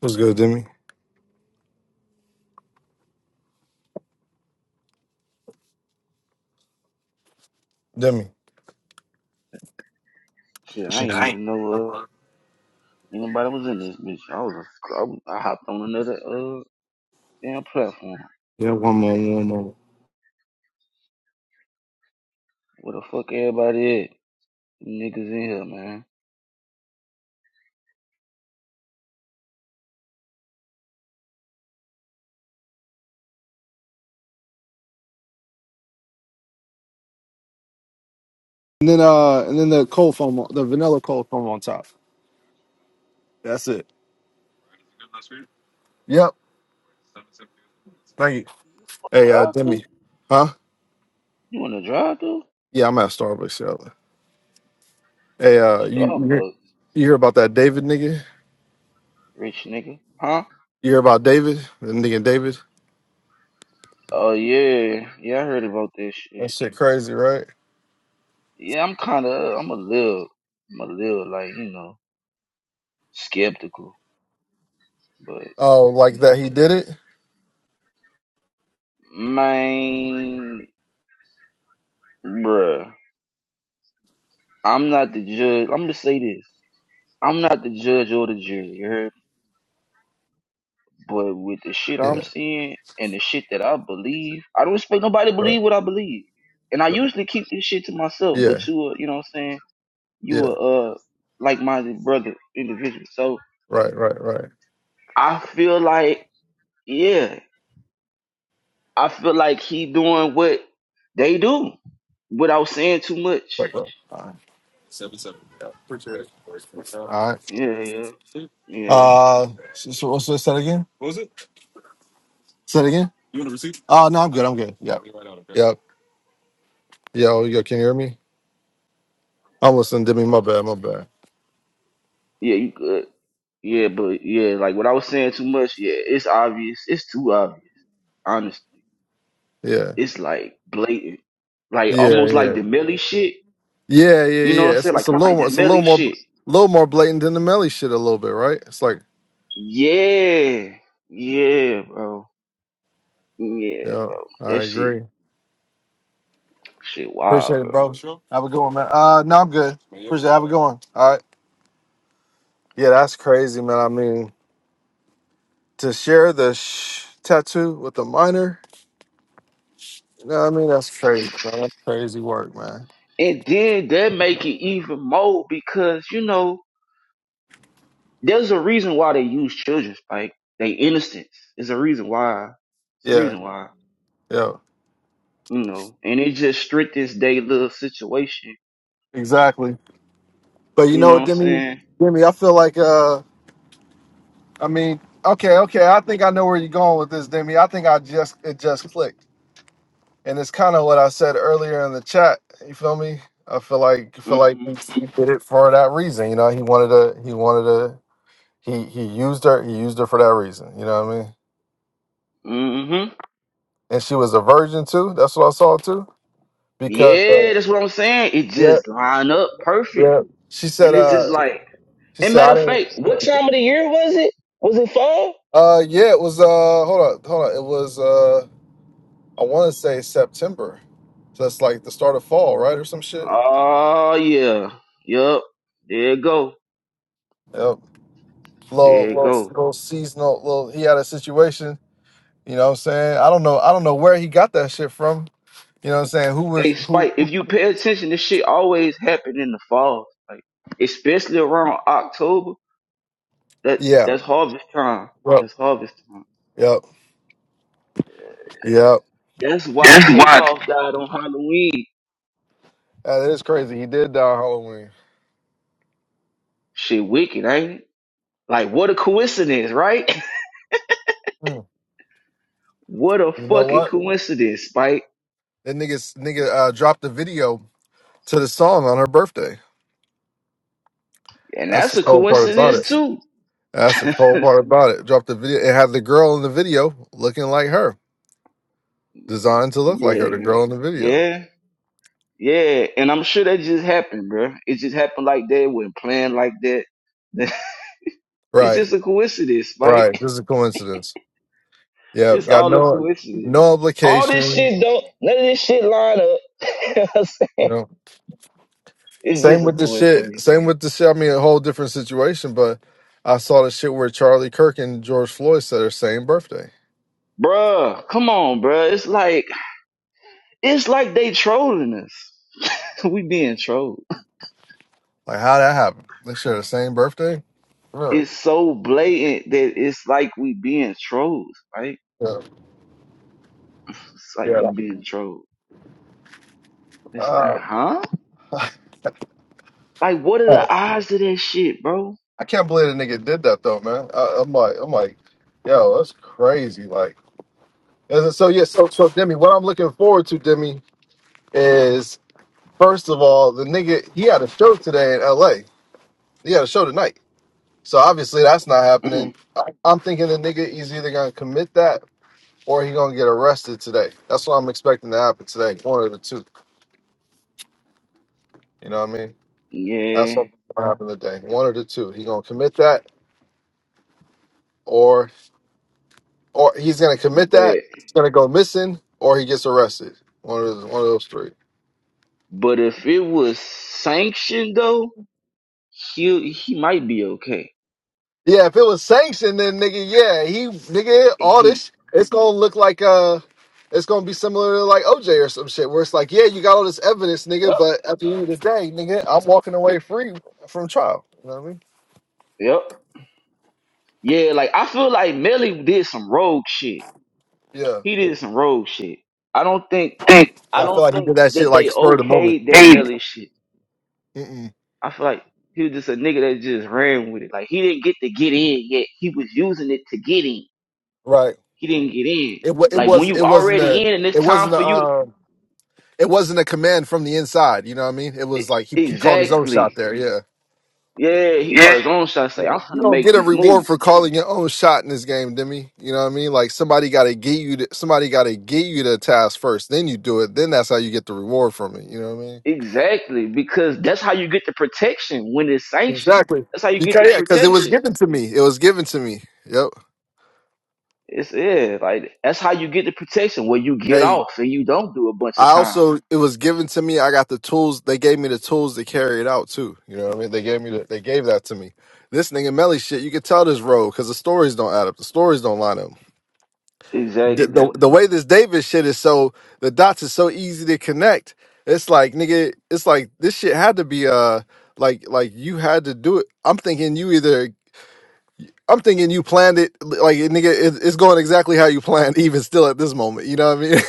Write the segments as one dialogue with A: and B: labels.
A: What's good, Demi? Demi.
B: Shit, I ain't even know uh, anybody was in this bitch. I was, I, was- I hopped on another uh damn platform. Where the fuck everybody at? Niggas in here, man.
A: And then uh and the cold foam the vanilla cold foam on top. That's it. Yep. Thank you. Hey, uh,
B: Drive through?
A: Demi. Huh?
B: You want to drive through?
A: Yeah, I'm at Starbucks. Yeah. Hey, uh, you you hear,
B: Starbucks,
A: you hear about that David nigga?
B: rich nigga, huh?
A: You hear about David? The nigga David?
B: Oh yeah, yeah, I heard about that
A: That
B: shit.
A: shit crazy, right?
B: Yeah, I'm kind of, I'm a little, I'm a little like you know skeptical, but
A: Oh, like
B: you
A: that he did it?
B: know, man, bruh, I'm not the judge. I'm gonna say this. I'm not the judge or the jury. You heard? But with the shit
A: Yeah.
B: I'm seeing and the shit that I believe, I don't expect nobody to
A: Right.
B: believe what I believe. And I
A: right.
B: usually keep this shit to myself,
A: Yeah.
B: but you are, you know what I'm saying? You
A: Yeah.
B: are uh like minded brother individual. So
A: Right. Right. Right.
B: I feel like, yeah, I feel like he doing what they do without saying too much.
A: Right, bro. All right. Appreciate it. All right.
B: Yeah, yeah, yeah.
A: Uh, so, so what's that again? Say it again. Oh no, I'm good. I'm good. Yep. Yep. Yo, yo, can you hear me? I'm listening Demi. My bad, my bad.
B: Yeah, you good. Yeah, but yeah, like without saying too much, yeah, it's obvious. It's too obvious, Honestly.
A: Yeah,
B: it's like blatant. Like
A: yeah,
B: almost like
A: yeah,
B: the Millie shit.
A: yeah, yeah,
B: You know
A: yeah.
B: what I'm
A: It's,
B: saying?
A: it's
B: Like
A: a
B: kind of
A: little,
B: like
A: more-
B: the
A: it's a little
B: Millie
A: more,
B: shit.
A: little more blatant than the Melly shit a little bit, right? It's like,
B: Yeah. Yeah, bro. Yeah,
A: yeah,
B: bro.
A: I
B: That shit
A: agree.
B: shit wild,
A: Appreciate it,
B: bro.
A: bro. Sure. Have a good one, man. Uh, no, I'm good. Man, you're Appreciate. It. Have a good one. All right. Yeah, that's crazy, man. I mean, to share the sh- tattoo with a minor, you know what I mean? That's crazy, man. That's crazy work, man.
B: And then that make it even more because, you know, there's a reason why they use children, like they innocence. It's a reason why. It's a
A: Yeah,
B: reason why.
A: yeah,
B: You know. And it just strict this day little situation.
A: exactly. But you
B: You
A: know
B: know what
A: what,
B: I'm
A: Demi,
B: saying?
A: Demi, I feel like, uh. I mean, okay, okay. I think I know where you're going with this, Demi. I think I just it just clicked, and it's kind of what I said earlier in the chat. You feel me? I feel like I feel like
B: Mm-hmm.
A: he did it for that reason. You know, he wanted to. He wanted to. He he used her. He used her for that reason. You know what I mean?
B: Mm-hmm.
A: And she was a virgin too. That's what I saw too. Because
B: Yeah,
A: uh,
B: that's what I'm saying. It
A: yeah,
B: just line up perfect.
A: yeah. She said.
B: And it's just
A: Uh,
B: like,
A: she
B: and
A: said
B: matter
A: I
B: of
A: didn't.
B: fact, what time of the year was it? Was it fall?
A: Uh, yeah. It was. Uh, hold on, hold on. It was. Uh, I want to say September So that's like the start of fall, right, or some shit.
B: Oh, yeah. Yup. There it go.
A: Yep. Little,
B: There it
A: little,
B: go.
A: little seasonal. Little. He had a situation. You know what I'm saying? I don't know. I don't know where he got that shit from. You know what I'm saying? Who was
B: Hey,
A: who?
B: Spike,
A: who
B: if you pay attention, this shit always happen in the fall. Like, especially around October. That
A: yeah.
B: That's harvest time.
A: Yep.
B: That's harvest time.
A: Yep. Yep.
B: That's why Takeoff died on Halloween.
A: That is crazy. He did die on Halloween.
B: Shit wicked, ain't it? Like, what a coincidence, right?
A: Hmm.
B: What a
A: You know
B: fucking
A: what?
B: coincidence, Spike.
A: That nigga, nigga uh, dropped the video to the song on her birthday.
B: And
A: That's
B: that's
A: the
B: a
A: cold part about
B: coincidence
A: it.
B: too.
A: That's the cold part about it. Dropped the video. It had the girl in the video looking like her, designed to look like her. The
B: yeah.
A: girl in the video.
B: Yeah. Yeah. And I'm sure that just happened, bro. It just happened like that, It wasn't planned like that. it's
A: Right.
B: just a coincidence,
A: Right.
B: Spike.
A: This is a coincidence. Yeah.
B: It's
A: Got
B: all a
A: no
B: coincidence.
A: no
B: All this
A: obligation.
B: shit don't none of this shit line up. You know what I'm
A: You
B: saying?
A: know.
B: It's
A: Same
B: just a
A: with the shit.
B: coincidence.
A: Same with the shit. I mean, a whole different situation. But I saw the shit where Charlie Kirk and George Floyd said their same birthday.
B: Bruh, come on, bruh. It's like it's like they trolling us. we being trolled.
A: Like, how that happened? They share the same birthday. Yeah.
B: It's so blatant that it's like we being trolls, right?
A: Yeah.
B: It's like we
A: yeah.
B: being trolls. It's like,
A: Uh,
B: huh? Like, what are the odds of that shit, bro?
A: I can't believe a nigga did that though, man. I, I'm like, I'm like, yo, that's crazy. Like, as a- so yeah. So so Demi, what I'm looking forward to, Demi, is First of all, the nigga he had a show today in L.A. He had a show tonight, so obviously that's not happening.
B: Mm,
A: I- I'm thinking the nigga is either gonna commit that or he gonna get arrested today. That's what I'm expecting to happen today. One of the two. You know what I mean? That's
B: yeah,
A: what's gonna happen today. One of the two. He gonna commit that or or he's gonna commit that.
B: but
A: He's gonna go missing or he gets arrested. One of those, one of those three.
B: but if it was sanctioned though, he he might be okay.
A: Yeah, if it was sanctioned, then nigga, yeah, he nigga all this.
B: He
A: sh- It's gonna look like uh, it's gonna be similar to like OJ or some shit, where it's like, yeah, you got all this evidence, nigga,
B: yep
A: but at the end of the day, nigga, I'm walking away free from trial. You know what I mean?
B: yep yeah. Like I feel like Melly did some rogue shit.
A: Yeah,
B: He did some rogue shit. I don't think I
A: Yeah, I feel
B: don't
A: like he did
B: think
A: that shit
B: that they
A: like spur of the moment.
B: okayed that Melly shit.
A: Mm-mm.
B: I feel like he was just a nigga that just ran with it. Like he didn't get to get in yet. He was using it to get in.
A: Right.
B: He didn't get in.
A: It wa- it
B: Like
A: was
B: when
A: it
B: you
A: wasn't
B: already
A: a
B: in and it's
A: it
B: time
A: wasn't
B: for
A: a
B: you to
A: um, it wasn't a command from the inside. You know what I mean? It was
B: e-
A: like he he called his own shot
B: Exactly.
A: there. yeah.
B: Yeah, he caught his own shot say, I'm
A: You
B: gonna
A: don't
B: make
A: get a
B: this
A: reward
B: move.
A: for calling your own shot in this game, Demi. You know what I mean? Like somebody got to get you. To, somebody got to get you the task first. Then you do it. Then that's how you get the reward from it. You know what I mean?
B: Exactly. Because that's how you get the protection when it's sanctioned.
A: Exactly.
B: That's how you get the
A: Because yeah, because it was
B: protection.
A: given to me. It was given to me. Yep.
B: It's yeah, like that's how you get the protection where you get
A: Hey,
B: off and you don't do a bunch of
A: I
B: time.
A: also it was given to me. I got the tools. They gave me the tools to carry it out too. You know what I mean? They gave me. The, they gave that to me. This nigga Melly shit. You could tell this road because the stories don't add up. The stories don't line up. the, the
B: Exactly.
A: the way this Davis shit is so the dots is so easy to connect. It's like nigga, it's like this shit had to be uh like like you had to do it. I'm thinking you either I'm thinking you planned it like nigga, it, it's going exactly how you planned even still at this moment. You know what I mean?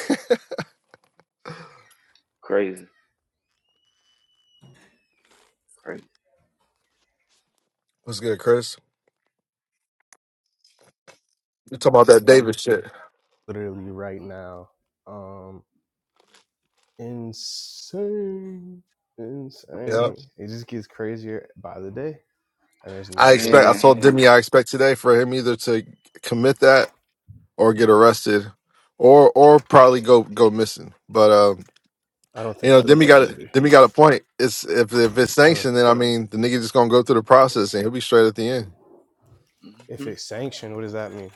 B: Crazy. Crazy.
A: What's good, Chris? You talking about that Davis shit?
C: literally right now. Um, insane,
A: Yeah,
C: insane. It just gets crazier by the day, and there's
A: I expect. I
C: nothing.
B: Yeah.
A: told Demi I expect today for him either to commit that or get arrested, or or probably go go missing. But um.
C: I don't
A: You
C: think
A: know,
C: he'll do
A: Demi
C: it
A: got a
C: either.
A: Demi got a point. It's if if it's
C: Huh.
A: sanctioned, then I mean the nigga just gonna go through the process and he'll be straight at the end.
C: If
B: Mm-hmm.
C: it's sanctioned, what does that mean?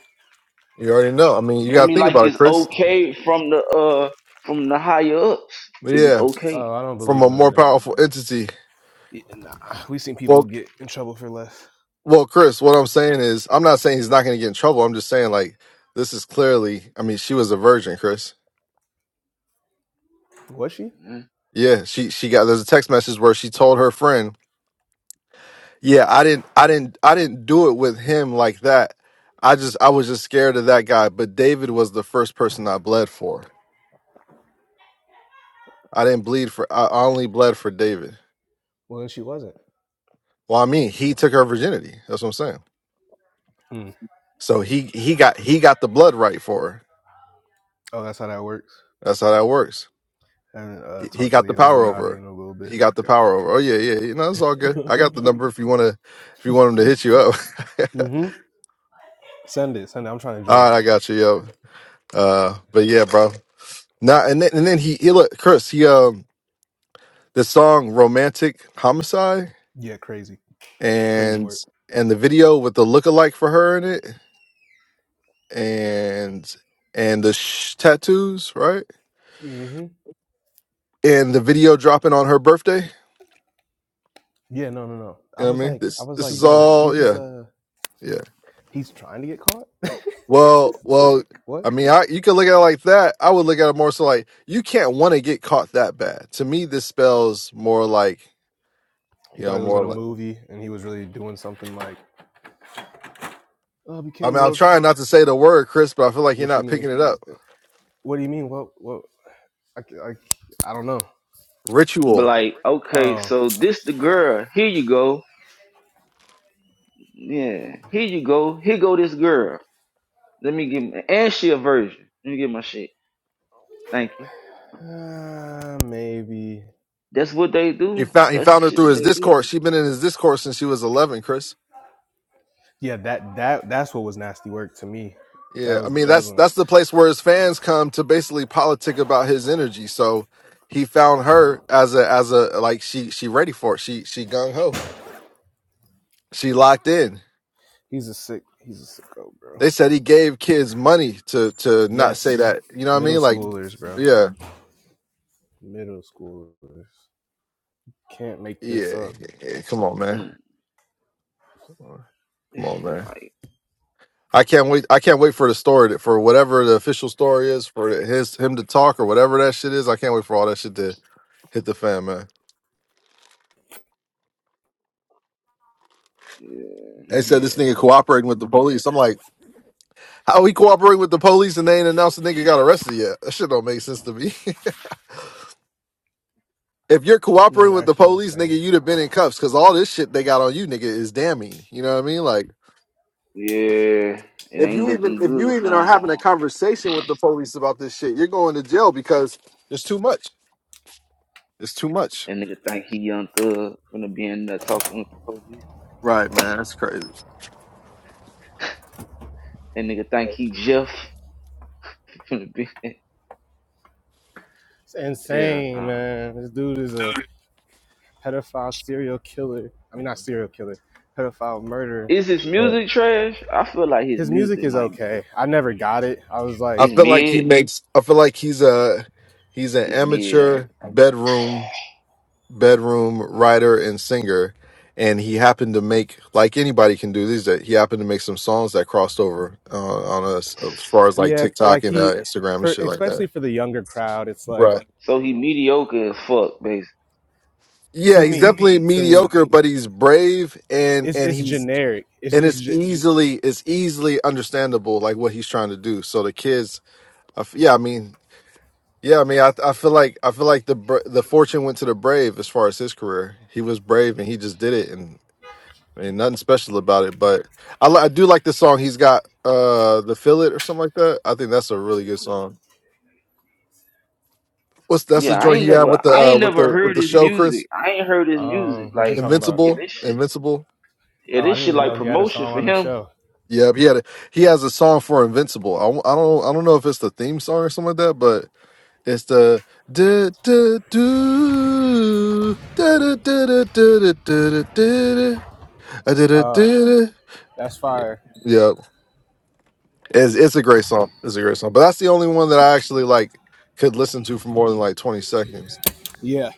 A: You already know. I mean, you
B: I
A: gotta
B: mean,
A: think
B: like
A: about it,
B: it's
A: Chris.
B: okay from the uh from the higher ups.
A: But
B: It was
A: yeah,
B: okay.
C: Oh, I don't
A: from
C: believe
A: a
C: in none of
A: more
C: that.
A: powerful entity.
C: Yeah, nah, we've seen people
A: Well,
C: get in trouble for less.
A: well, Chris, what I'm saying is, I'm not saying he's not gonna get in trouble. I'm just saying like this is clearly. I mean, she was a virgin, Chris.
C: Was she?
B: man.
A: Yeah, she she got. There's a text message where she told her friend, "Yeah, I didn't, I didn't, I didn't do it with him like that. I just, I was just scared of that guy. But David was the first person I bled for." I didn't bleed for I only bled for David.
C: Well, she wasn't.
A: Well, I mean, he took her virginity. That's what I'm saying.
C: Hmm.
A: So he he got he got the blood right for her.
C: Oh, that's how that works.
A: That's how that works.
C: And uh,
A: He he
C: talk to
A: got
C: the
A: the power over
C: Illuminati
A: her.
C: in a little bit.
A: He got the
C: I
A: power over. Oh yeah, yeah. You know, it's all good. I
C: forgot.
A: got the number if you want to if you want him to hit you up.
C: mm-hmm. Send it. Send it. I'm trying to
A: all
C: join.
A: right, I got you. Yo. Uh, but yeah, bro. Now and then and then he, he look Chris. He um the song "Romantic Homicide"
C: Yeah, crazy, crazy
A: and
C: work.
A: and the video with the lookalike for her in it. and and the sh- tattoos, right?
C: Mhm.
A: And the video dropping on her birthday.
C: Yeah, no, no, no.
A: You
C: I
A: know what
C: was
A: I mean?
C: like, I
A: This
C: was
A: this
C: like,
A: is
C: bro,
A: all
C: he's
A: yeah,
C: uh,
A: yeah.
C: he's trying to get caught.
A: Well, well,
C: like,
A: I
C: what?
A: mean, I you could look at it like that. I would look at it more so like you can't want to get caught that bad. To me, this spells more like
C: He
A: you
C: thought
A: know
C: he was in
A: more
C: a
A: like.
C: movie, and he was really doing something. Like, oh,
A: I
C: became
A: mean, I'm
C: world. f-
A: trying not to say the word, Chris, but I feel like you're
C: What you
A: not picking
C: mean?
A: it up.
C: What do you mean? What? What? I, c- I, c- I don't know.
B: But
A: Ritual.
B: like, okay,
C: Oh,
B: so this the girl. Here you go. Yeah, here you go. Here go this girl. Let me give my, and she a virgin. Let me get my shit. Thank you.
C: uh, maybe.
B: That's what they
A: He
B: do.
A: found he
B: That's the
A: found her
B: shit
A: through
B: that
A: his
B: they do.
A: Discord. She's been in his Discord since she was 11, Chris.
C: Yeah, that that that's what was nasty work to me. That
A: Yeah, I
C: was
A: mean
C: that was
A: that's
C: when I,
A: that's the place where his fans come to basically politic about his energy. So he found her as a as a like she she ready for it. She she gung ho. She locked in.
C: he's a sick he's a sicko, bro.
A: They said he gave kids money to to not say
C: Yes,
A: that. You know what I
C: middle
A: mean? Like,
C: schoolers, bro.
A: yeah,
C: Middle schoolers can't make this
A: yeah,
C: up.
A: yeah. yeah. Come on, man.
B: Mm.
A: Come on, Come
B: This
A: on,
B: shit
A: man.
B: like,
A: I can't wait. I can't wait for the story to- for whatever the official story is for his him to talk or whatever that shit is. I can't wait for all that shit to hit the fan, man.
B: yeah,
A: They said this
C: Yeah.
A: nigga cooperating with the police. I'm like. How he cooperating with the police and they ain't announced the nigga got arrested yet? That shit don't make sense to me. if you're
C: No, it's
A: cooperating with the
C: actually
A: police, nigga,
C: insane.
A: you'd have been in cuffs because all this shit they got on you, nigga, is damning. You know what I mean? Like
B: yeah. It
A: if
B: ain't
A: you even
B: looking
A: if you
B: good
A: even are
B: for him.
A: having a conversation with the police about this shit, you're going to jail because it's too much. It's too much.
B: That nigga think he young thug finna be in there talking with the police.
A: Right, man. That's crazy.
B: That nigga think he Jeff finna be.
C: It's
B: Yeah. nah.
C: insane, man. This dude is a pedophile serial killer. I mean, not serial killer, pedophile murderer.
B: Is his music trash? I feel like his
C: His music
B: music
C: is
B: might be.
C: okay. I never got it. I was like,
A: I
B: It's
A: feel like he
B: mid.
A: makes. I feel like he's a he's an
B: It's mid, ain't it?
A: amateur bedroom. bedroom writer and singer, and he happened to make like anybody can do these. That he happened to make some songs that crossed over uh, on us as far as like
C: yeah,
A: TikTok
C: like
A: and uh,
C: he,
A: Instagram and
C: for
A: shit like
C: especially
A: that.
C: for the younger crowd, it's like
A: Right.
B: So he mediocre as fuck, basically.
A: Yeah,
C: to
A: he's
C: me,
A: definitely
C: to me,
A: mediocre, but he's brave and
C: it's
A: and
C: it's
A: he's
C: generic. It's
A: and
C: it's
A: it's
C: ge-
A: easily it's easily understandable like what he's trying to do. So the kids, I f yeah, I mean, yeah, I mean, I I feel like I feel like the br- the fortune went to the brave as far as his career. He was brave and he just did it, and. Ain't nothing special about it, but I, li- I do like the song he's got, uh, the fill it or something like that. I think that's a really good song. What's that's
B: Yeah,
A: the
B: I
A: joint
B: ain't
A: he had
B: never,
A: with the
B: I
A: uh,
B: ain't
A: with
B: never
A: the with
B: heard
A: the
B: his
A: show, Chris?
B: music. I ain't heard his music.
C: um, what you
B: Like,
C: talking about?
B: yeah,
A: Invincible,
B: this shit,
A: Invincible.
B: yeah,
C: Oh, I
B: this
C: didn't
B: shit
C: even
B: like
C: know he had a
B: promotion
C: song
B: for
C: on the
B: him.
C: show.
A: Yeah, he had a, he has a song for Invincible. I, w- I don't I don't know if it's the theme song or something like that, but it's the do do do do do do do do do do do do do
C: That's fire.
A: do. It's it's a great song. It's a great song. But that's the only one that I actually like could listen to for more than like twenty seconds.
C: Yeah.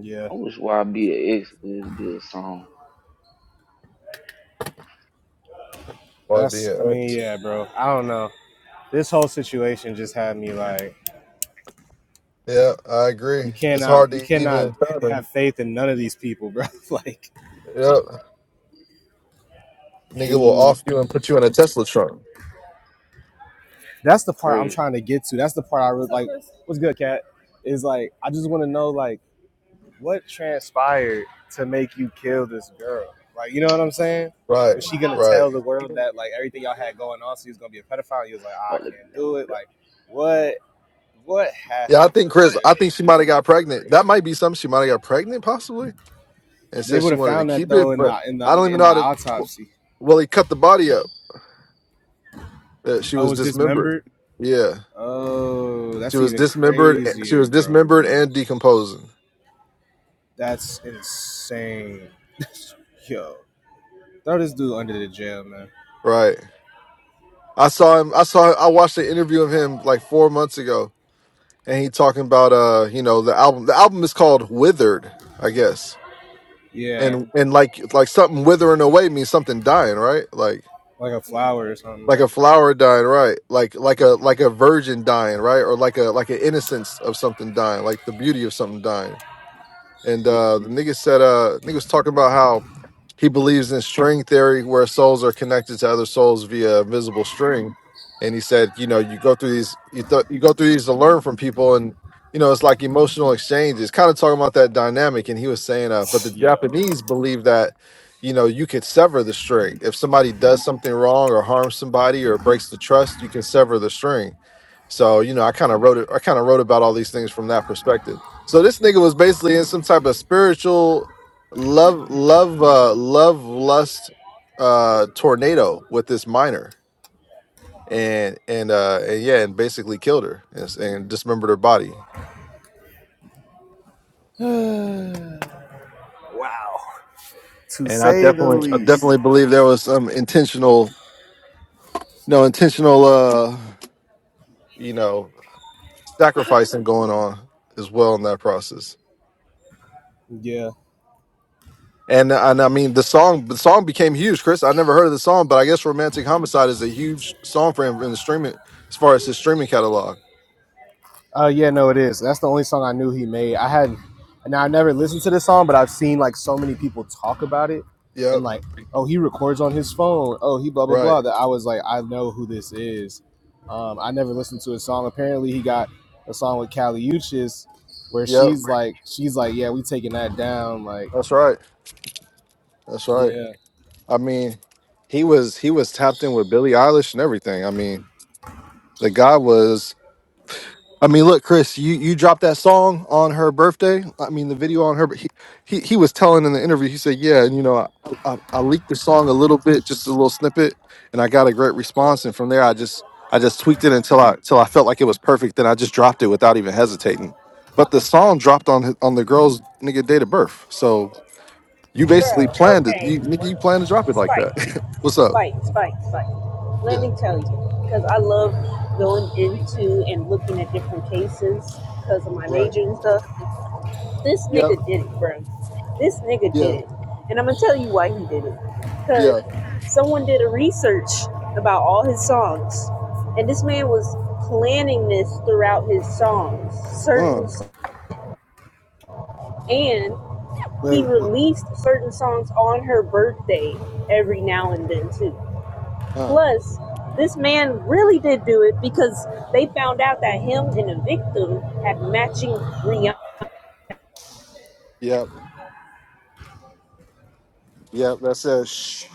C: Yeah,
B: I wish YBX would do a song.
A: Why be
C: that's. I mean,
A: X?
C: yeah, bro. I don't know. This whole situation just had me like,
A: Yeah, I agree.
C: You
A: It's
C: cannot
A: hard
C: you
A: to
C: cannot
A: even fathom.
C: have faith in none of these people, bro. like,
A: Yep. Nigga will
C: dude,
A: off you and put you in a Tesla trunk.
C: that's the part I'm
B: Crazy.
C: trying to get to. That's the part I really like. What's good, cat? Is like I just want to know like what transpired to make you kill this girl. Like, you know what I'm saying?
A: Right,
C: Was she gonna
A: right.
C: tell the world that like everything y'all had going on, So he was gonna be a pedophile? And you was like, ah,
B: Oh,
C: I
B: let-
C: can't do it. Like, what what
A: Yeah, I
C: happened for
A: think Chris. I
C: real?
A: think she might have got pregnant. That might be something she might have got pregnant, possibly, and
C: They
A: said
C: would
A: she
C: have
A: wanted to
C: found that
A: keep it.
C: though in
A: But
C: the in the
A: I don't even
C: in
A: know
C: the
A: how to.
C: autopsy.
A: Well, he cut the body up. Uh, she
C: Oh, it
A: was
C: was dismembered.
A: dismembered. Yeah,
C: Oh,
A: she
C: that's
A: was
C: even
A: dismembered. eh, She
C: crazier,
A: was
C: bro.
A: dismembered and decomposing.
C: That's insane. Yo, throw this dude under the jail, man.
A: Right. I saw him. I saw. I watched an interview of him like four months ago, and he talking about uh, you know, the album. The album is called Withered, I guess.
C: Yeah,
A: And and like like something withering away means something dying, right? Like.
C: like a flower or something,
A: like
C: right?
A: a flower dying, right? Like like a like a virgin dying, right? Or like a like an innocence of something dying, like the beauty of something dying. And uh, the nigga said, uh, nigga was talking about how he believes in string theory, where souls are connected to other souls via invisible string. And he said, you know, you go through these, you th- you go through these to learn from people, and you know, it's like emotional exchange. It's kind of talking about that dynamic. And he was saying, uh, but the
C: Yo.
A: Japanese believe that, you know, you could sever the string if somebody does something wrong or harms somebody or breaks the trust. You can sever the string. So you know, I kind of wrote it. I kind of wrote about all these things from that perspective. So this nigga was basically in some type of spiritual love, love, uh, love lust uh, tornado with this minor, and and uh, and yeah, and basically killed her and, s- and dismembered her body.
C: wow. To
A: And I
C: say the
A: definitely, I
C: least.
A: definitely believe there was some intentional, no intentional, uh, you know, sacrificing going on as well in that process.
C: Yeah.
A: And and I mean the song the song became huge, Chris. I never heard of the song, but I guess Romantic Homicide is a huge song for him in the streaming as far as his streaming catalog.
C: Uh, yeah, no, it is. That's the only song I knew he made. I had, now I never listened to this song, but I've seen like so many people talk about it,
A: Yep.
C: and like, oh, he records on his phone. Oh, he blah blah
A: Right.
C: blah. That I was like, I know who this is. Um, I never listened to his song. Apparently, he got a song with Kali Uchis, where
A: Yep.
C: she's like, she's like, yeah, we taking that down. Like,
A: That's right. That's right.
C: yeah.
A: I mean, he was he was tapped in with Billie Eilish and everything. I mean, the guy was I mean, look, Chris, you, you dropped that song on her birthday. I mean, the video on her, but he, he, he was telling in the interview, he said, yeah, and you know, I, I, I leaked the song a little bit, just a little snippet, and I got a great response. And from there, I just, I just tweaked it until I, till I felt like it was perfect. Then I just dropped it without even hesitating. But the song dropped on, his- on the girl's nigga date of birth. So you basically
D: Bro,
A: planned it.
D: okay.
A: You, nigga, you planned to drop it like
D: Spike,
A: that. What's up?
D: spike, spike, spike. Let
A: Yeah.
D: me tell you, because I love going into and looking at different cases because of my
A: Right.
D: major and stuff. This
A: Yep.
D: nigga did it, bro. This nigga did
A: Yeah.
D: it. And I'm going to tell you why he did it. Because
A: Yeah.
D: someone did a research about all his songs. And this man was planning this throughout his songs,
A: Uh,
D: certain, and he
C: Wait, wh-
D: released certain songs on her birthday every now and then too.
A: uh,
D: Plus, this man really did do it because they found out that him and the victim had matching Rihanna's
A: yep. Yep. That's it.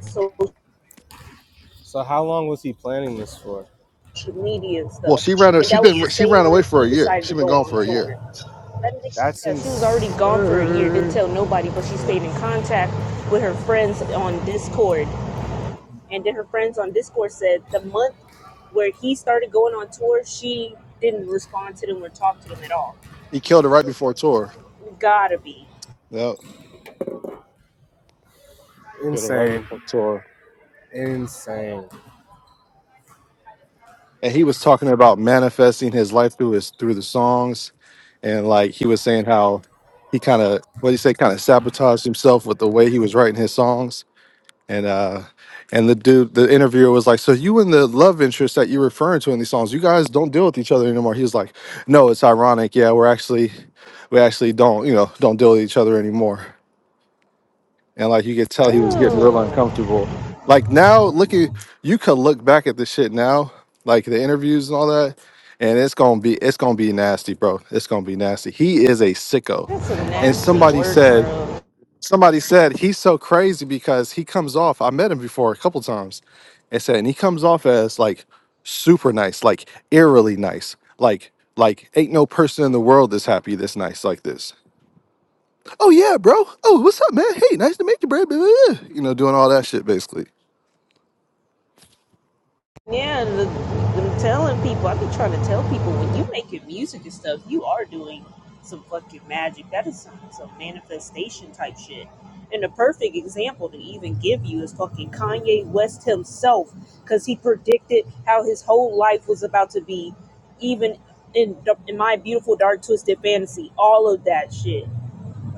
D: social
C: so how long was he planning this for?
D: media and
A: Well,
D: stuff.
A: she ran.
D: And
A: She
D: that was the
A: been. She
D: same
A: ran away
D: month
A: for
D: he
A: a year.
D: decided
A: She
D: to
A: been
D: go
A: gone
D: on
A: for a year.
D: tour. That nigga,
C: That's
D: yeah, she was already gone for a year, didn't
C: insane.
D: tell nobody, but she stayed in contact with her friends on Discord. And then her friends on Discord said the month where he started going on tour, she didn't respond to them or talk to them at all.
A: He killed her right before tour.
D: You Gotta be.
A: Yep, killed her right
C: Insane.
A: before tour.
C: Insane.
A: And he was talking about manifesting his life through his through the songs, and like he was saying how he kind of what do you say kind of sabotaged himself with the way he was writing his songs. And uh, and the dude, the interviewer was like, "So you and the love interest that you're referring to in these songs, you guys don't deal with each other anymore." He was like, "No, it's ironic. Yeah, we're actually, we actually don't, you know, don't deal with each other anymore." and like you could tell he was getting real
D: Bro.
A: uncomfortable. Like now, look at you could look back at the shit now, like the interviews and all that, and it's gonna be it's gonna be nasty, bro. It's gonna be nasty. He is a sicko,
D: That's some
A: and
D: nasty
A: somebody
D: work,
A: said
D: bro.
A: somebody said he's so crazy because he comes off. I met him before a couple times, and said and he comes off as like super nice, like eerily nice, like like ain't no person in the world that's happy this nice like this Oh yeah, bro. Oh, what's up, man? Hey, nice to meet you, bro. Blah, blah, blah." You know, doing all that shit basically.
D: Yeah, the, them telling people. I've been trying to tell people when you making music and stuff, you are doing some fucking magic. That is some, some manifestation type shit. And the perfect example to even give you is fucking Kanye West himself, because he predicted how his whole life was about to be, even in in my beautiful dark twisted fantasy. All of that shit.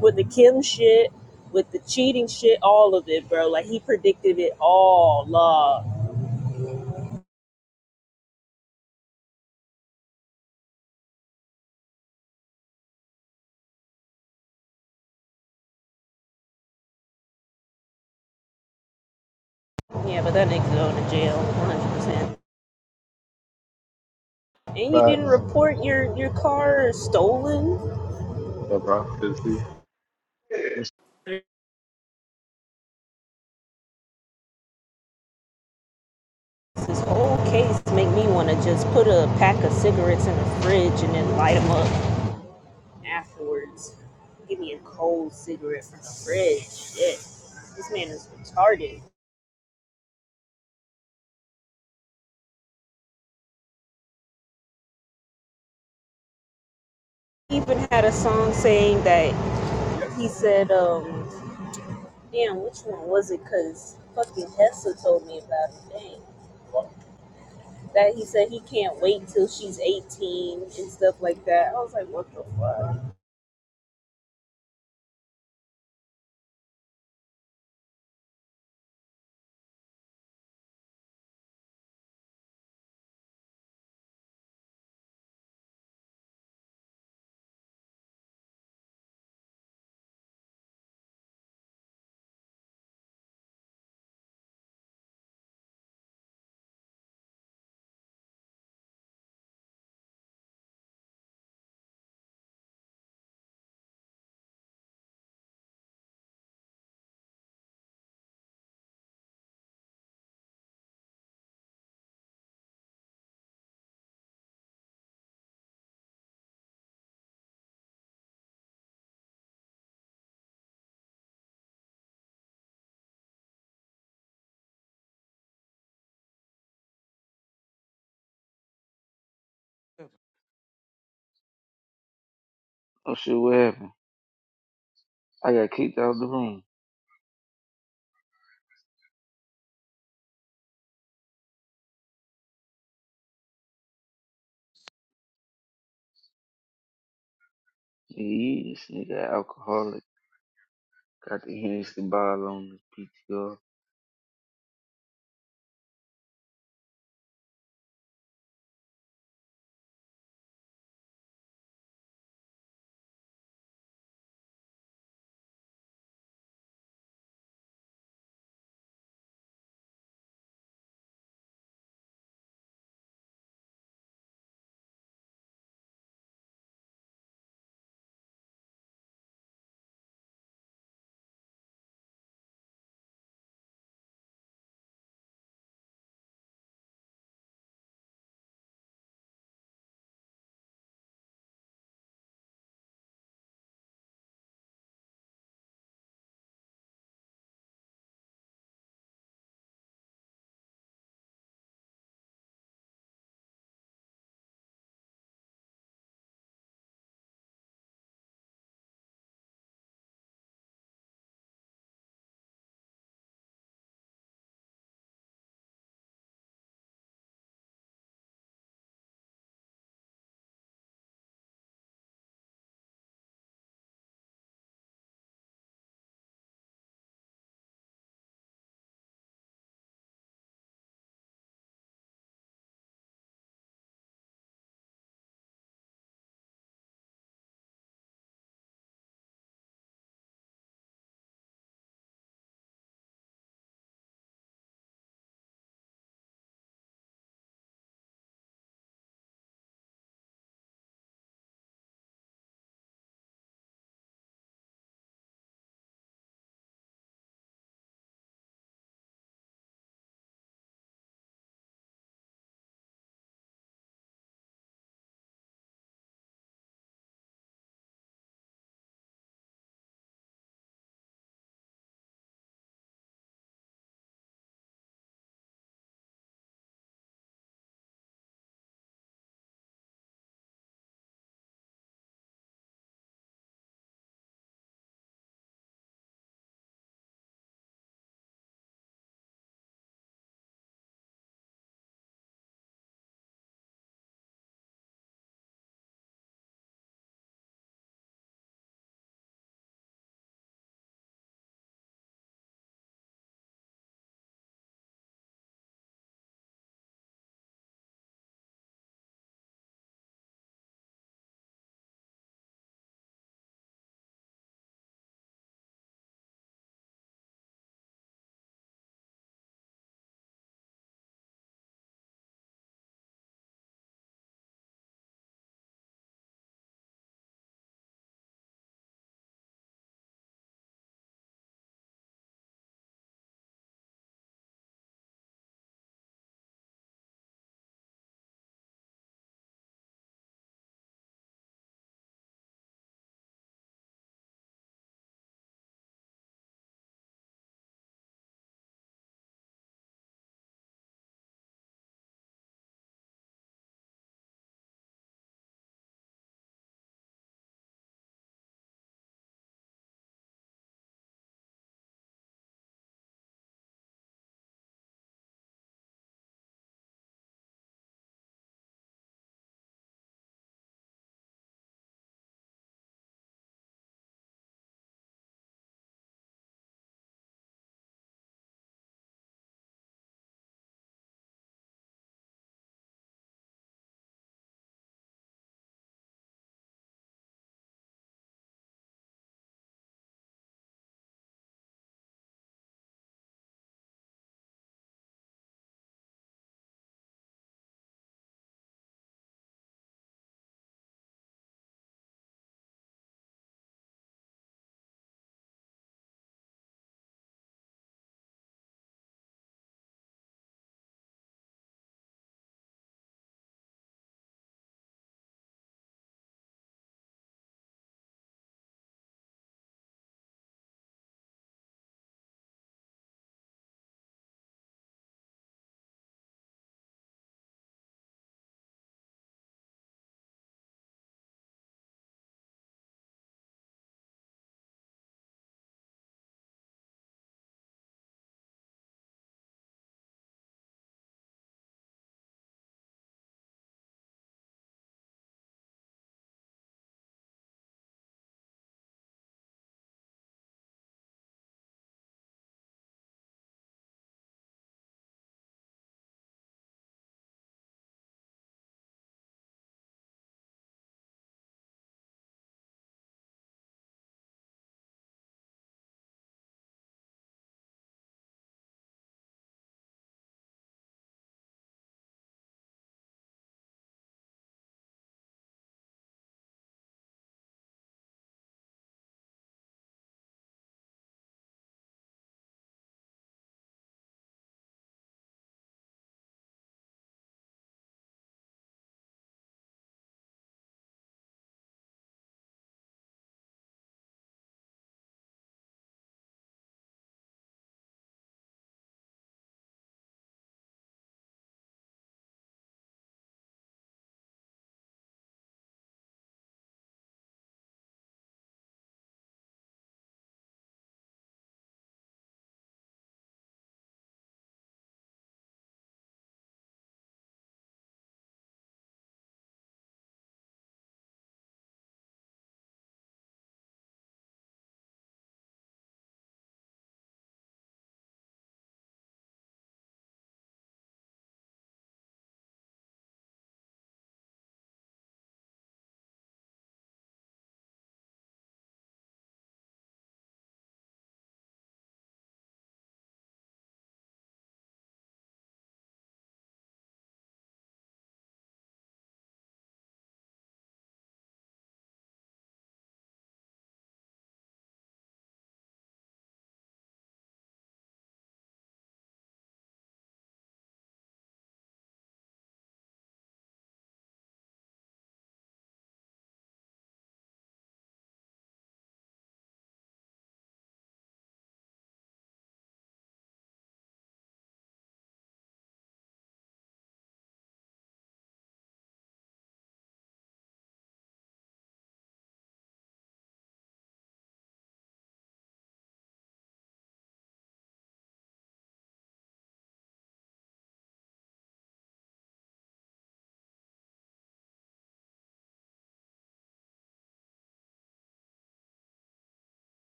D: with the Kim shit, with the cheating shit, all of it, bro. Like he predicted it all, love. Yeah, but that nigga's going to jail, one hundred percent. And you didn't
A: Facts.
D: report your your car stolen.
A: The prophecy.
D: This whole case make me want to just put a pack of cigarettes in the fridge and then light them up afterwards. Give me a cold cigarette from the fridge. Shit, this man is retarded. He even had a song saying that he said, um, Damn, which one was it? Cause fucking Hessa told me about it. Dang. That he said he can't wait till she's 18 and stuff like that. I was like, what the fuck?
B: oh shit, what happened? I got kicked out the room. Yeah, this nigga alcoholic. Got the Hennessy bottle on his PTR.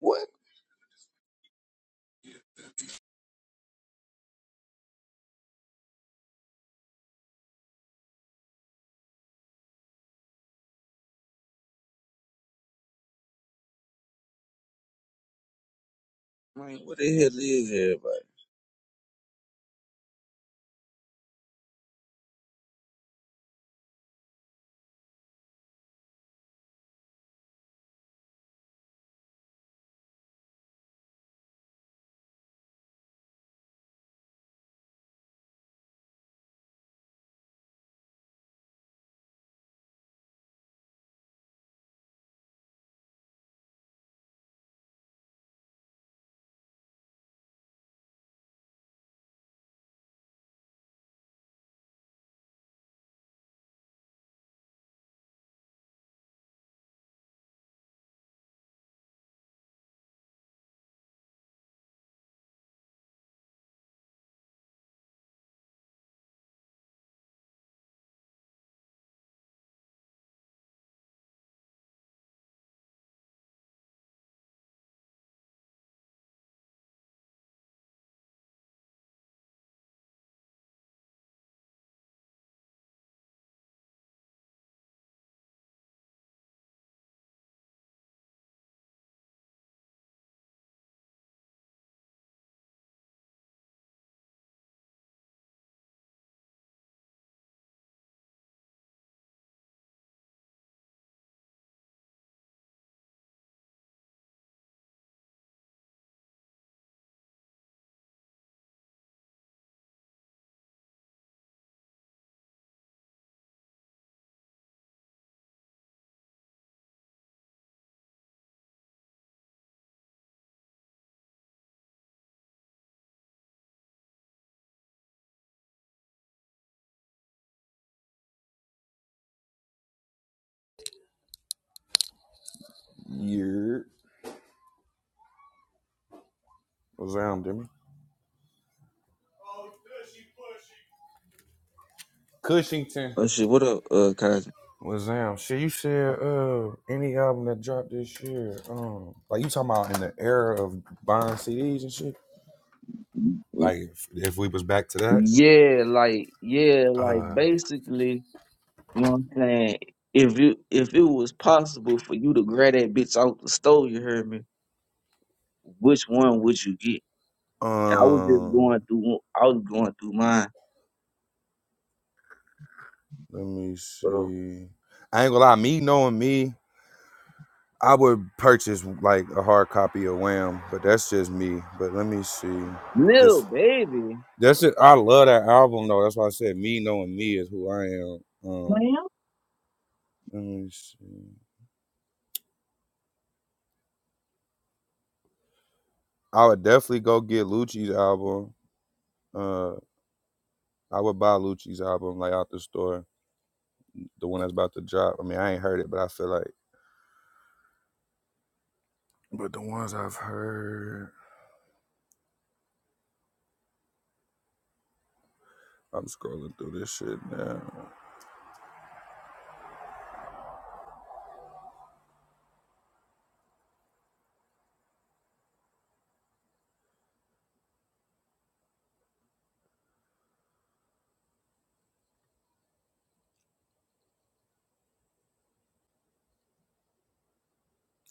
B: What man? What the hell is everybody?
E: Year. What's down, Demi? Cushington.
B: Oh shit, what up, uh, Kazi?
E: What's down? Shit, you said uh any album that dropped this year, um, like you talking about in the era of buying CDs and shit. Like if, if we was back to
B: Yeah, like yeah, like
E: that,
B: basically, you know what I'm saying? If you if it was possible for you to grab that bitch off the store, you heard me, which one would you get?
E: uh,
B: And I was just
E: um,
B: going through I was going through mine.
E: let me
B: So
E: see. I ain't gonna lie, me knowing me, I would purchase like a hard copy of Wham, but that's just me. But let me see.
B: little
E: This
B: baby.
E: that's it. I love that album though. That's why I said me knowing me is who I am. Um.
B: Ma'am?
E: Let me see. I would definitely go get Lucci's album. Uh, I would buy Lucci's album like out the store, the one that's about to drop. I mean, I ain't heard it, but I feel like. But the ones I've heard, I'm scrolling through this shit now.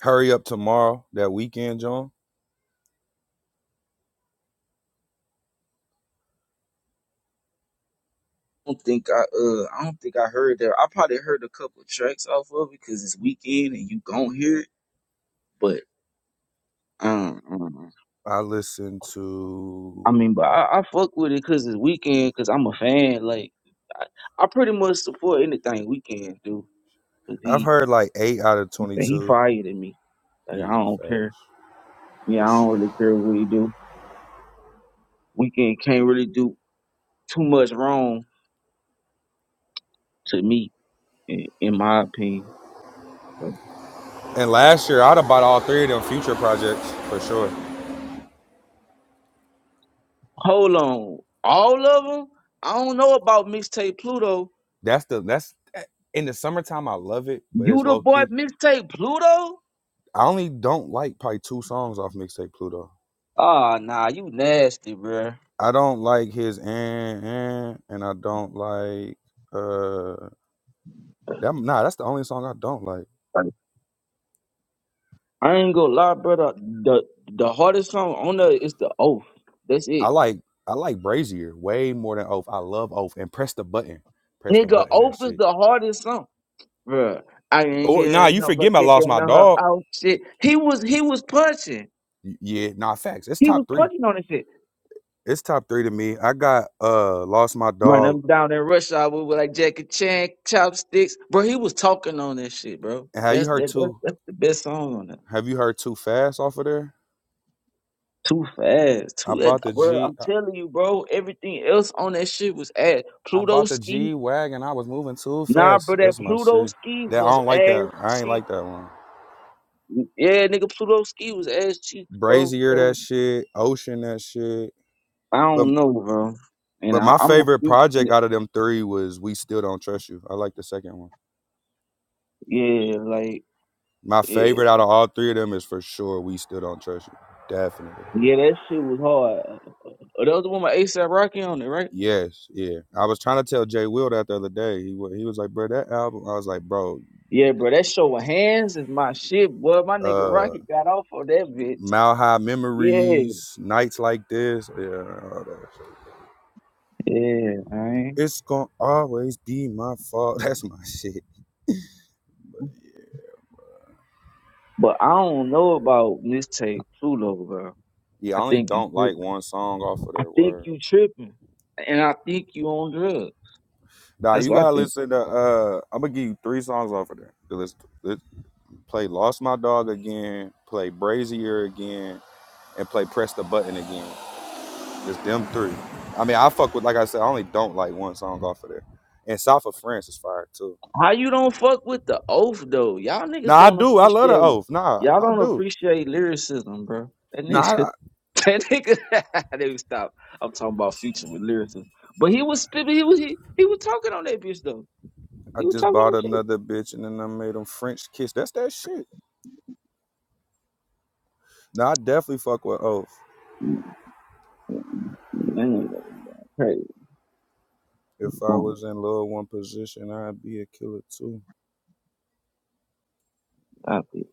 E: Hurry up tomorrow, that weekend, John.
B: I don't think I uh I don't think I heard that. I probably heard a couple of tracks off of it because it's weekend and you gon' hear it, but I don't know.
E: I listened
B: I
E: to.
B: mean, but I, I fuck with it because it's weekend. Because I'm a fan. Like I, I pretty much support anything weekend do. Cause
E: I've
B: he
E: heard like eight out of
B: he
E: twenty-two.
B: fired at me. Like I
E: Yeah,
B: don't care.
E: facts. For
B: Yeah, I don't
E: sure.
B: really care what he do. Weekend can't really do too much wrong to me, in, in my opinion. But
E: And last year, I'd have bought all three of them future projects for sure.
B: hold on, all of them. I don't know about mixtape Pluto.
E: That's the that's eh, in the summertime. I love it, but
B: You
E: it's
B: the
E: low
B: boy
E: key.
B: mixtape Pluto?
E: I only don't like probably two songs off mixtape Pluto.
B: Ah, nah, you nasty, bruh.
E: I don't like his and and and I don't like uh that nah, that's the only song I don't like.
B: I ain't gonna lie, brother. The the hardest song on there is the oath. That's
E: I
B: it.
E: like I like Brazier way more than Oath. I love Oath and press the button. Press the
B: Nigga,
E: button that
B: oath is
E: shit.
B: the hardest song. Bruh. I ain't
E: Or nah,
B: getting
E: you
B: no
E: forget
B: but
E: I
B: kicking
E: lost
B: on
E: my
B: her
E: dog.
B: out shit. He was he was punching.
E: Y- Yeah, nah facts. It's
B: He
E: top
B: was
E: three.
B: punching on this shit.
E: It's top three to me. I got uh Lost My
B: Run
E: Dog.
B: him down in rush hour with like Jackie Chan, chopsticks. Bro, he was talking on that shit, bro.
E: Have you
B: That's
E: heard
B: that, that's
E: two?
B: that's the best song on it.
E: Have you heard too fast off of there?
B: Too fast.
E: I
B: Too that
E: bought the
B: bro,
E: G.
B: I'm telling you, bro, everything else on that shit was ass.
E: I
B: Pluto
E: bought the
B: Ski.
E: G wagon. I was moving too
B: Nah,
E: fast.
B: bro, that
E: That's my
B: Pluto
E: shit.
B: ski
E: That I
B: was
E: don't like
B: ass
E: that. I ain't
B: cheap.
E: like that one.
B: Yeah, nigga, Pluto ski was ass cheap, bro.
E: Brazier that
B: So,
E: shit. Ocean that shit.
B: I
E: But
B: don't know, bro. And
E: but
B: I,
E: my
B: I'm a
E: favorite
B: few,
E: project out of them three was We Still Don't Trust You. I like the second one.
B: yeah, like,
E: My
B: yeah,
E: favorite out of all three of them is for sure We Still Don't Trust You. Definitely.
B: yeah, that shit was hard. Uh, that was the one with ASAP Rocky on it, right?
E: Yes, yeah. I was trying to tell Jay Will that the other day. He wa- he was like, bro, that album. I was like, bro,
B: Yeah, bro, that show with hands is my shit, boy. My nigga
E: uh,
B: Rocky got off on that bitch.
E: Mile High
B: Yeah,
E: Memories, Nights Like This. Yeah, all that.
B: yeah, man.
E: It's gonna always be my fault. That's my shit.
B: But I don't know about mistake Pluto, bro.
E: Yeah, I
B: I
E: only
B: think you,
E: don't
B: tri-
E: like one song off of
B: I
E: there.
B: think
E: Word.
B: you tripping, and I think you on drugs.
E: Nah,
B: That's
E: you
B: what I
E: gotta
B: think.
E: listen to. uh I'm gonna give you three songs off of there. To listen to. Let- play "Lost My Dog" again. Play "Brazier" again, and play "Press the Button" again. It's them three. I mean, I fuck with. Like I said, I only don't like one song off of there. And "South of France" is fire too.
B: How you don't fuck with the oath though? Y'all
E: Nah,
B: niggas
E: I
B: don't
E: do. I love the
B: appreciate
E: oath. Nah,
B: y'all
E: I
B: don't
E: do.
B: appreciate lyricism, bro. That nigga
E: Nah, I,
B: that nigga they would stop. I'm talking about future with lyricism. But he was spit- he was he, he was talking on that bitch though.
E: I
B: He was
E: just
B: talking
E: bought
B: on shit.
E: another bitch and then I made them French kiss. That's that shit. No, I definitely fuck with Oath.
B: That nigga was crazy
E: If I
B: going
E: was in Lil One position, I'd be a killer too.
B: out there.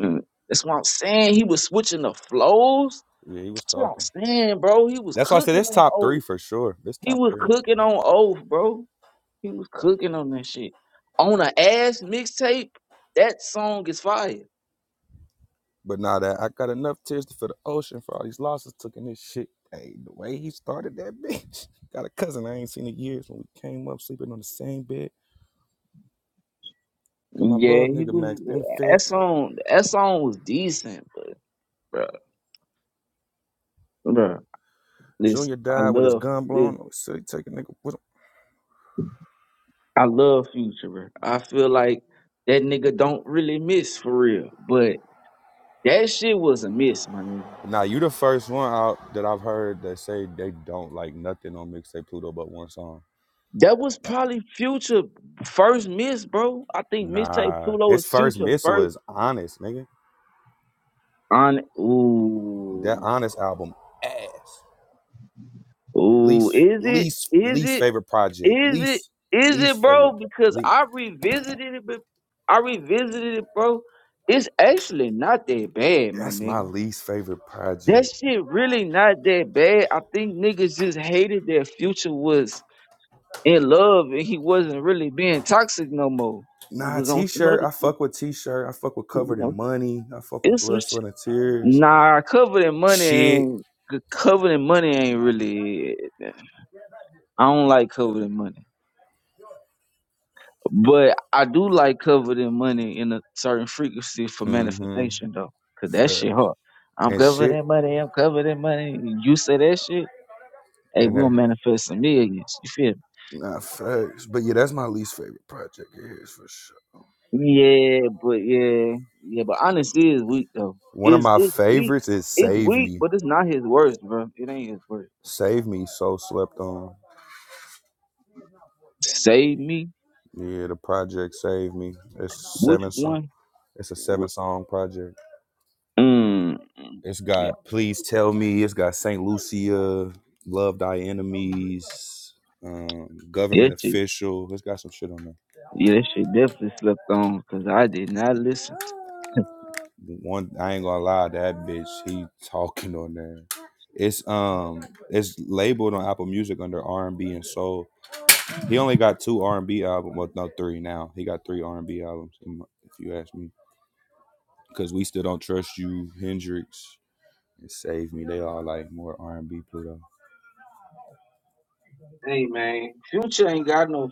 B: Mm. That's what I'm saying. He was switching the flows.
E: Yeah, he was
B: That's what
E: talking.
B: I'm saying, bro. He was
E: That's why I said
B: cooking
E: it's
B: on
E: top three
B: oath.
E: for sure. It's
B: He
E: top
B: was
E: three.
B: cooking on oath, bro. He was cooking on that shit. On a ass mixtape, that song is fire.
E: But now that I got enough tears for the ocean for all these losses took in this shit. Hey, the way he started that bitch. Got a cousin I ain't seen in years when we came up sleeping on the same bed. Got my
B: Yeah,
E: little
B: he
E: nigga Max in
B: was.
E: the
B: That
E: fetch.
B: song, that song was decent, but bro, bro, listen,
E: Junior
B: I
E: died with his
B: love
E: gun
B: this.
E: blown. Oh shit, take a nigga with
B: I love Future. Bro. I feel like that nigga don't really miss for real, but that shit was a miss, my nigga.
E: him. Now you the first one out that I've heard that say they don't like nothing on mixtape Pluto but one song.
B: That was probably Future first miss, bro. I think mixtape
E: Nah,
B: Tulo
E: his
B: is
E: first
B: Future
E: miss
B: first
E: was honest, nigga.
B: on.
E: That
B: Ooh,
E: honest album, ass.
B: ooh,
E: Least,
B: is it?
E: least,
B: Is
E: least
B: it?
E: favorite project.
B: Is it
E: Least,
B: is
E: least
B: it bro?
E: favorite. Pro-
B: Because
E: least.
B: I revisited it bef- I revisited it, bro. It's actually not that bad, my
E: That's my
B: nigga.
E: least favorite
B: That
E: project.
B: shit really not that bad. I think niggas just hated that future was in love and he wasn't really being toxic no more. He
E: Nah,
B: was on some
E: t-shirt.
B: other
E: I
B: shit.
E: fuck with t-shirt. I fuck with
B: You
E: covered
B: know?
E: in money. I fuck with
B: It's some
E: blood, sweat,
B: shit.
E: and tears.
B: Nah, covered in money
E: Shit.
B: ain't covered in money ain't really it. I don't like covered in money. But I do like covered in money in a certain frequency for
E: Mm-hmm.
B: manifestation though. Cause that shit
E: Facts.
B: hard. I'm
E: And
B: covered
E: shit.
B: in money, I'm covered in money. You say that shit, hey,
E: And
B: we
E: that.
B: gonna manifest some millions. You feel
E: Nah,
B: me?
E: facts. But yeah, that's my least favorite project. It is for sure.
B: Yeah, but yeah, yeah, but honesty is weak though.
E: One of
B: It's
E: my
B: it's weak.
E: favorites is
B: It's
E: Save
B: weak,
E: Me.
B: but it's not his worst, bro. It ain't his worst.
E: Save Me So Slept On.
B: Save me.
E: Yeah, the project Save Me. It's
B: Which
E: seven song.
B: one?
E: It's a seven
B: Wh-
E: song project.
B: Mm,
E: It's
B: yeah,
E: got Please Tell Me. It's got Saint Lucia, Love Thy Enemies, um, Government
B: that shit.
E: Official. It's got some shit on there.
B: Yeah, that shit definitely slept on because I did not listen.
E: One, I ain't gonna lie, that bitch, he talking on there. It's um, it's labeled on Apple Music under R and B and soul. He only got two R and B albums. Well, no, three now. He got three R and B albums. If you ask me. because we still don't trust you, Hendrix and Save Me. They all like more R and B Pluto.
B: Hey man, Future ain't got no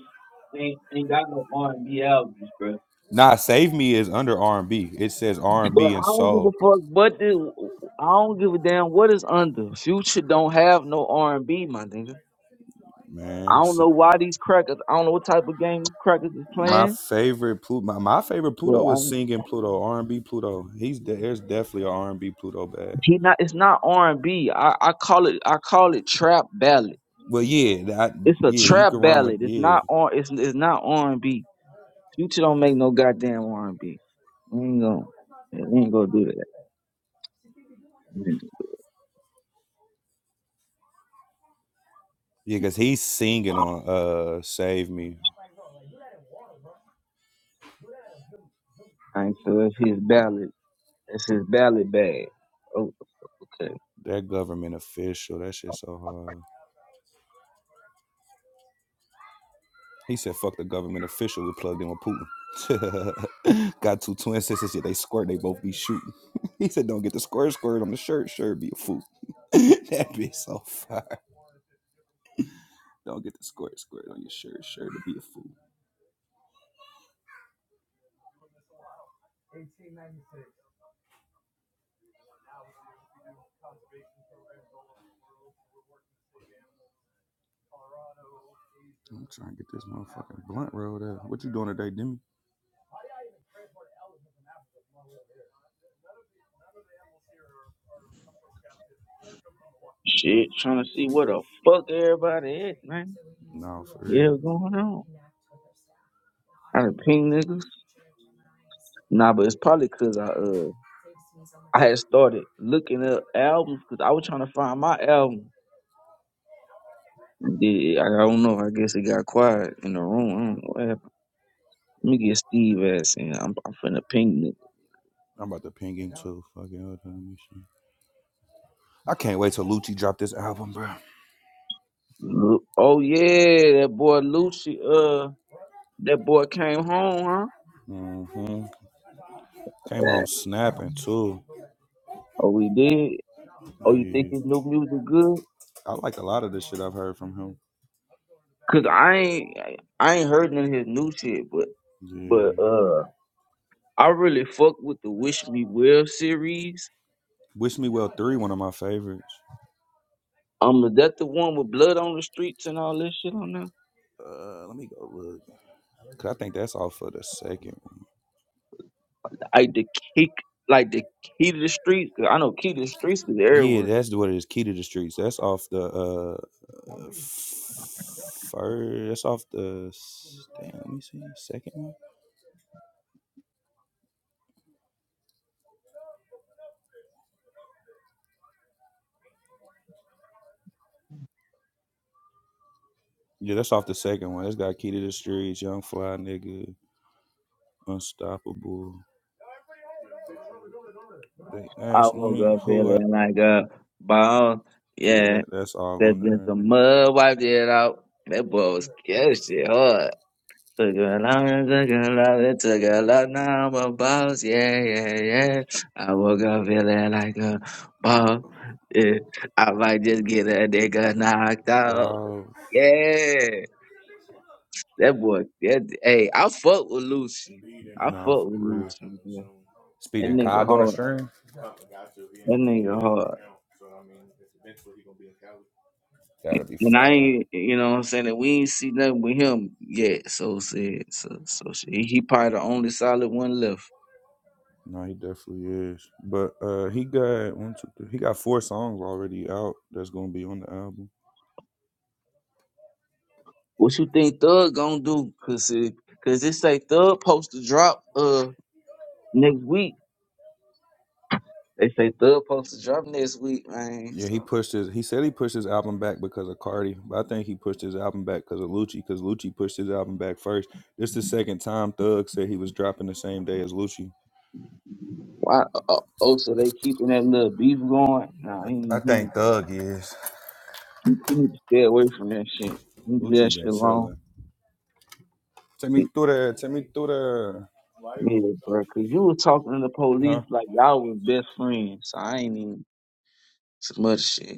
B: ain't, ain't got no R and B albums, bro.
E: Nah, Save Me is under R and B. It says R and
B: But
E: B and
B: I don't give a
E: soul.
B: fuck. But the, I don't give a damn what is under. Future don't have no R and B, my nigga.
E: Man,
B: I don't know why these crackers. I don't know what type of game these crackers is
E: my
B: playing.
E: favorite Pluto. My, my favorite
B: But
E: Pluto is
B: I,
E: singing Pluto, R and B Pluto. He's de- there's definitely an R and B Pluto bag.
B: he not. It's not R and B. I, I call it. I call it trap ballad.
E: Well, yeah, that,
B: It's a
E: yeah, you can
B: trap
E: run with
B: ballad. It's
E: yeah,
B: not R. It's it's not R and B. Future don't make no goddamn R and B. We ain't gonna. We ain't gonna do that.
E: yeah, because he's singing on uh Save Me.
B: Alright, so that's his ballot. That's his ballot bag. Oh, okay.
E: That government official. That shit's so hard. He said, "Fuck the government official. We plugged in with Putin." Got two twin sisters. Yeah, they squirt. They both be shooting. he said, "Don't get the squirt squirt on the shirt. Sure be a fool." that bitch so fire. Don't get the squirt squirt on your shirt. Sure to be a fool. I'm trying to get this motherfucking blunt rolled up. What you doing today, Demi?
B: Shit, trying to see what the fuck everybody at, man.
E: No, for
B: Yeah,
E: real.
B: what's going on? I done ping niggas. Nah, but it's probably cause I uh I had started looking up albums because I was trying to find my album. Yeah, I I don't know. I guess it got quiet in the room. I don't know what happened. Let me get Steve ass in. I'm, I'm finna ping niggas.
E: I'm about to ping into Fucking, hold on, I can't wait till Lucci drop this album, bro.
B: Look- Oh yeah, that boy Lucci. Uh, that boy came home, huh?
E: hmm Came
B: Yeah.
E: home snapping too.
B: Oh, we did. Oh, you think
E: Yeah.
B: his new music good?
E: I like a lot of the shit I've heard from him.
B: Cause I ain't I ain't heard none of his new shit, but
E: Yeah.
B: but uh I really fuck with the Wish Me Well series.
E: Wish Me Well 3, one of my favorites.
B: Um is that the one with blood on the streets and all this shit on there?
E: Uh, let me go look. Cause I think that's off of the second one.
B: Like the kick like the key to the streets, cause I know key to the streets is
E: Yeah,
B: everywhere.
E: that's what it is. Key to the Streets. That's off the uh first. That's off the s- damn. Let me see. Second one. Yeah, that's off the second one. That's got Key to the Streets, Young Fly Nigga, Unstoppable. They
B: I
E: asked
B: woke
E: me
B: up
E: who I
B: feeling like a bomb.
E: Yeah,
B: Yeah,
E: that, that's all
B: there's
E: on
B: been some mud wiped it out. That boy was catching hard. Took a long, took a long, it took a long, Now I'm a boss, yeah yeah, yeah. I woke up feeling like a boss, yeah. I might just get a nigga knocked
E: there.
B: out,
E: Dial.
B: yeah. That boy, that hey, I fuck with Lucy. I
E: Nah,
B: fuck
E: for
B: with
E: real.
B: Lucy, man. That
E: Speeding
B: nigga
E: COD on the
B: hard.
E: stream?
B: That nigga hard.
E: That'll be
B: And I
E: fire.
B: ain't, you know what I'm saying? And we ain't see nothing with him yet. So said, so so shit. He, he probably the only solid one left.
E: No, he definitely is. But uh he got one, two, three. He got four songs already out that's gonna be on the album.
B: What you think Thug gonna do? Cause it, cause it say Thug supposed to drop uh next week. They say Thug supposed to drop next week, man.
E: Yeah, he
B: So
E: pushed his. He said he pushed his album back because of Cardi, but I think he pushed his album back because of Lucci. Because Lucci pushed his album back first. This the second time Thug said he was dropping the same day as Lucci.
B: why? Uh, oh, so they keeping that little beef going? Nah, he
E: I
B: need- he
E: think
B: need-
E: Thug is.
B: he, he need to stay away from that shit. He need to leave that
E: Lucci
B: shit
E: been
B: alone.
E: chilling. Tell me through
B: Yeah, bro. Cause you was talking to the
E: Huh?
B: police like y'all was best friends. So I ain't even it's much shit.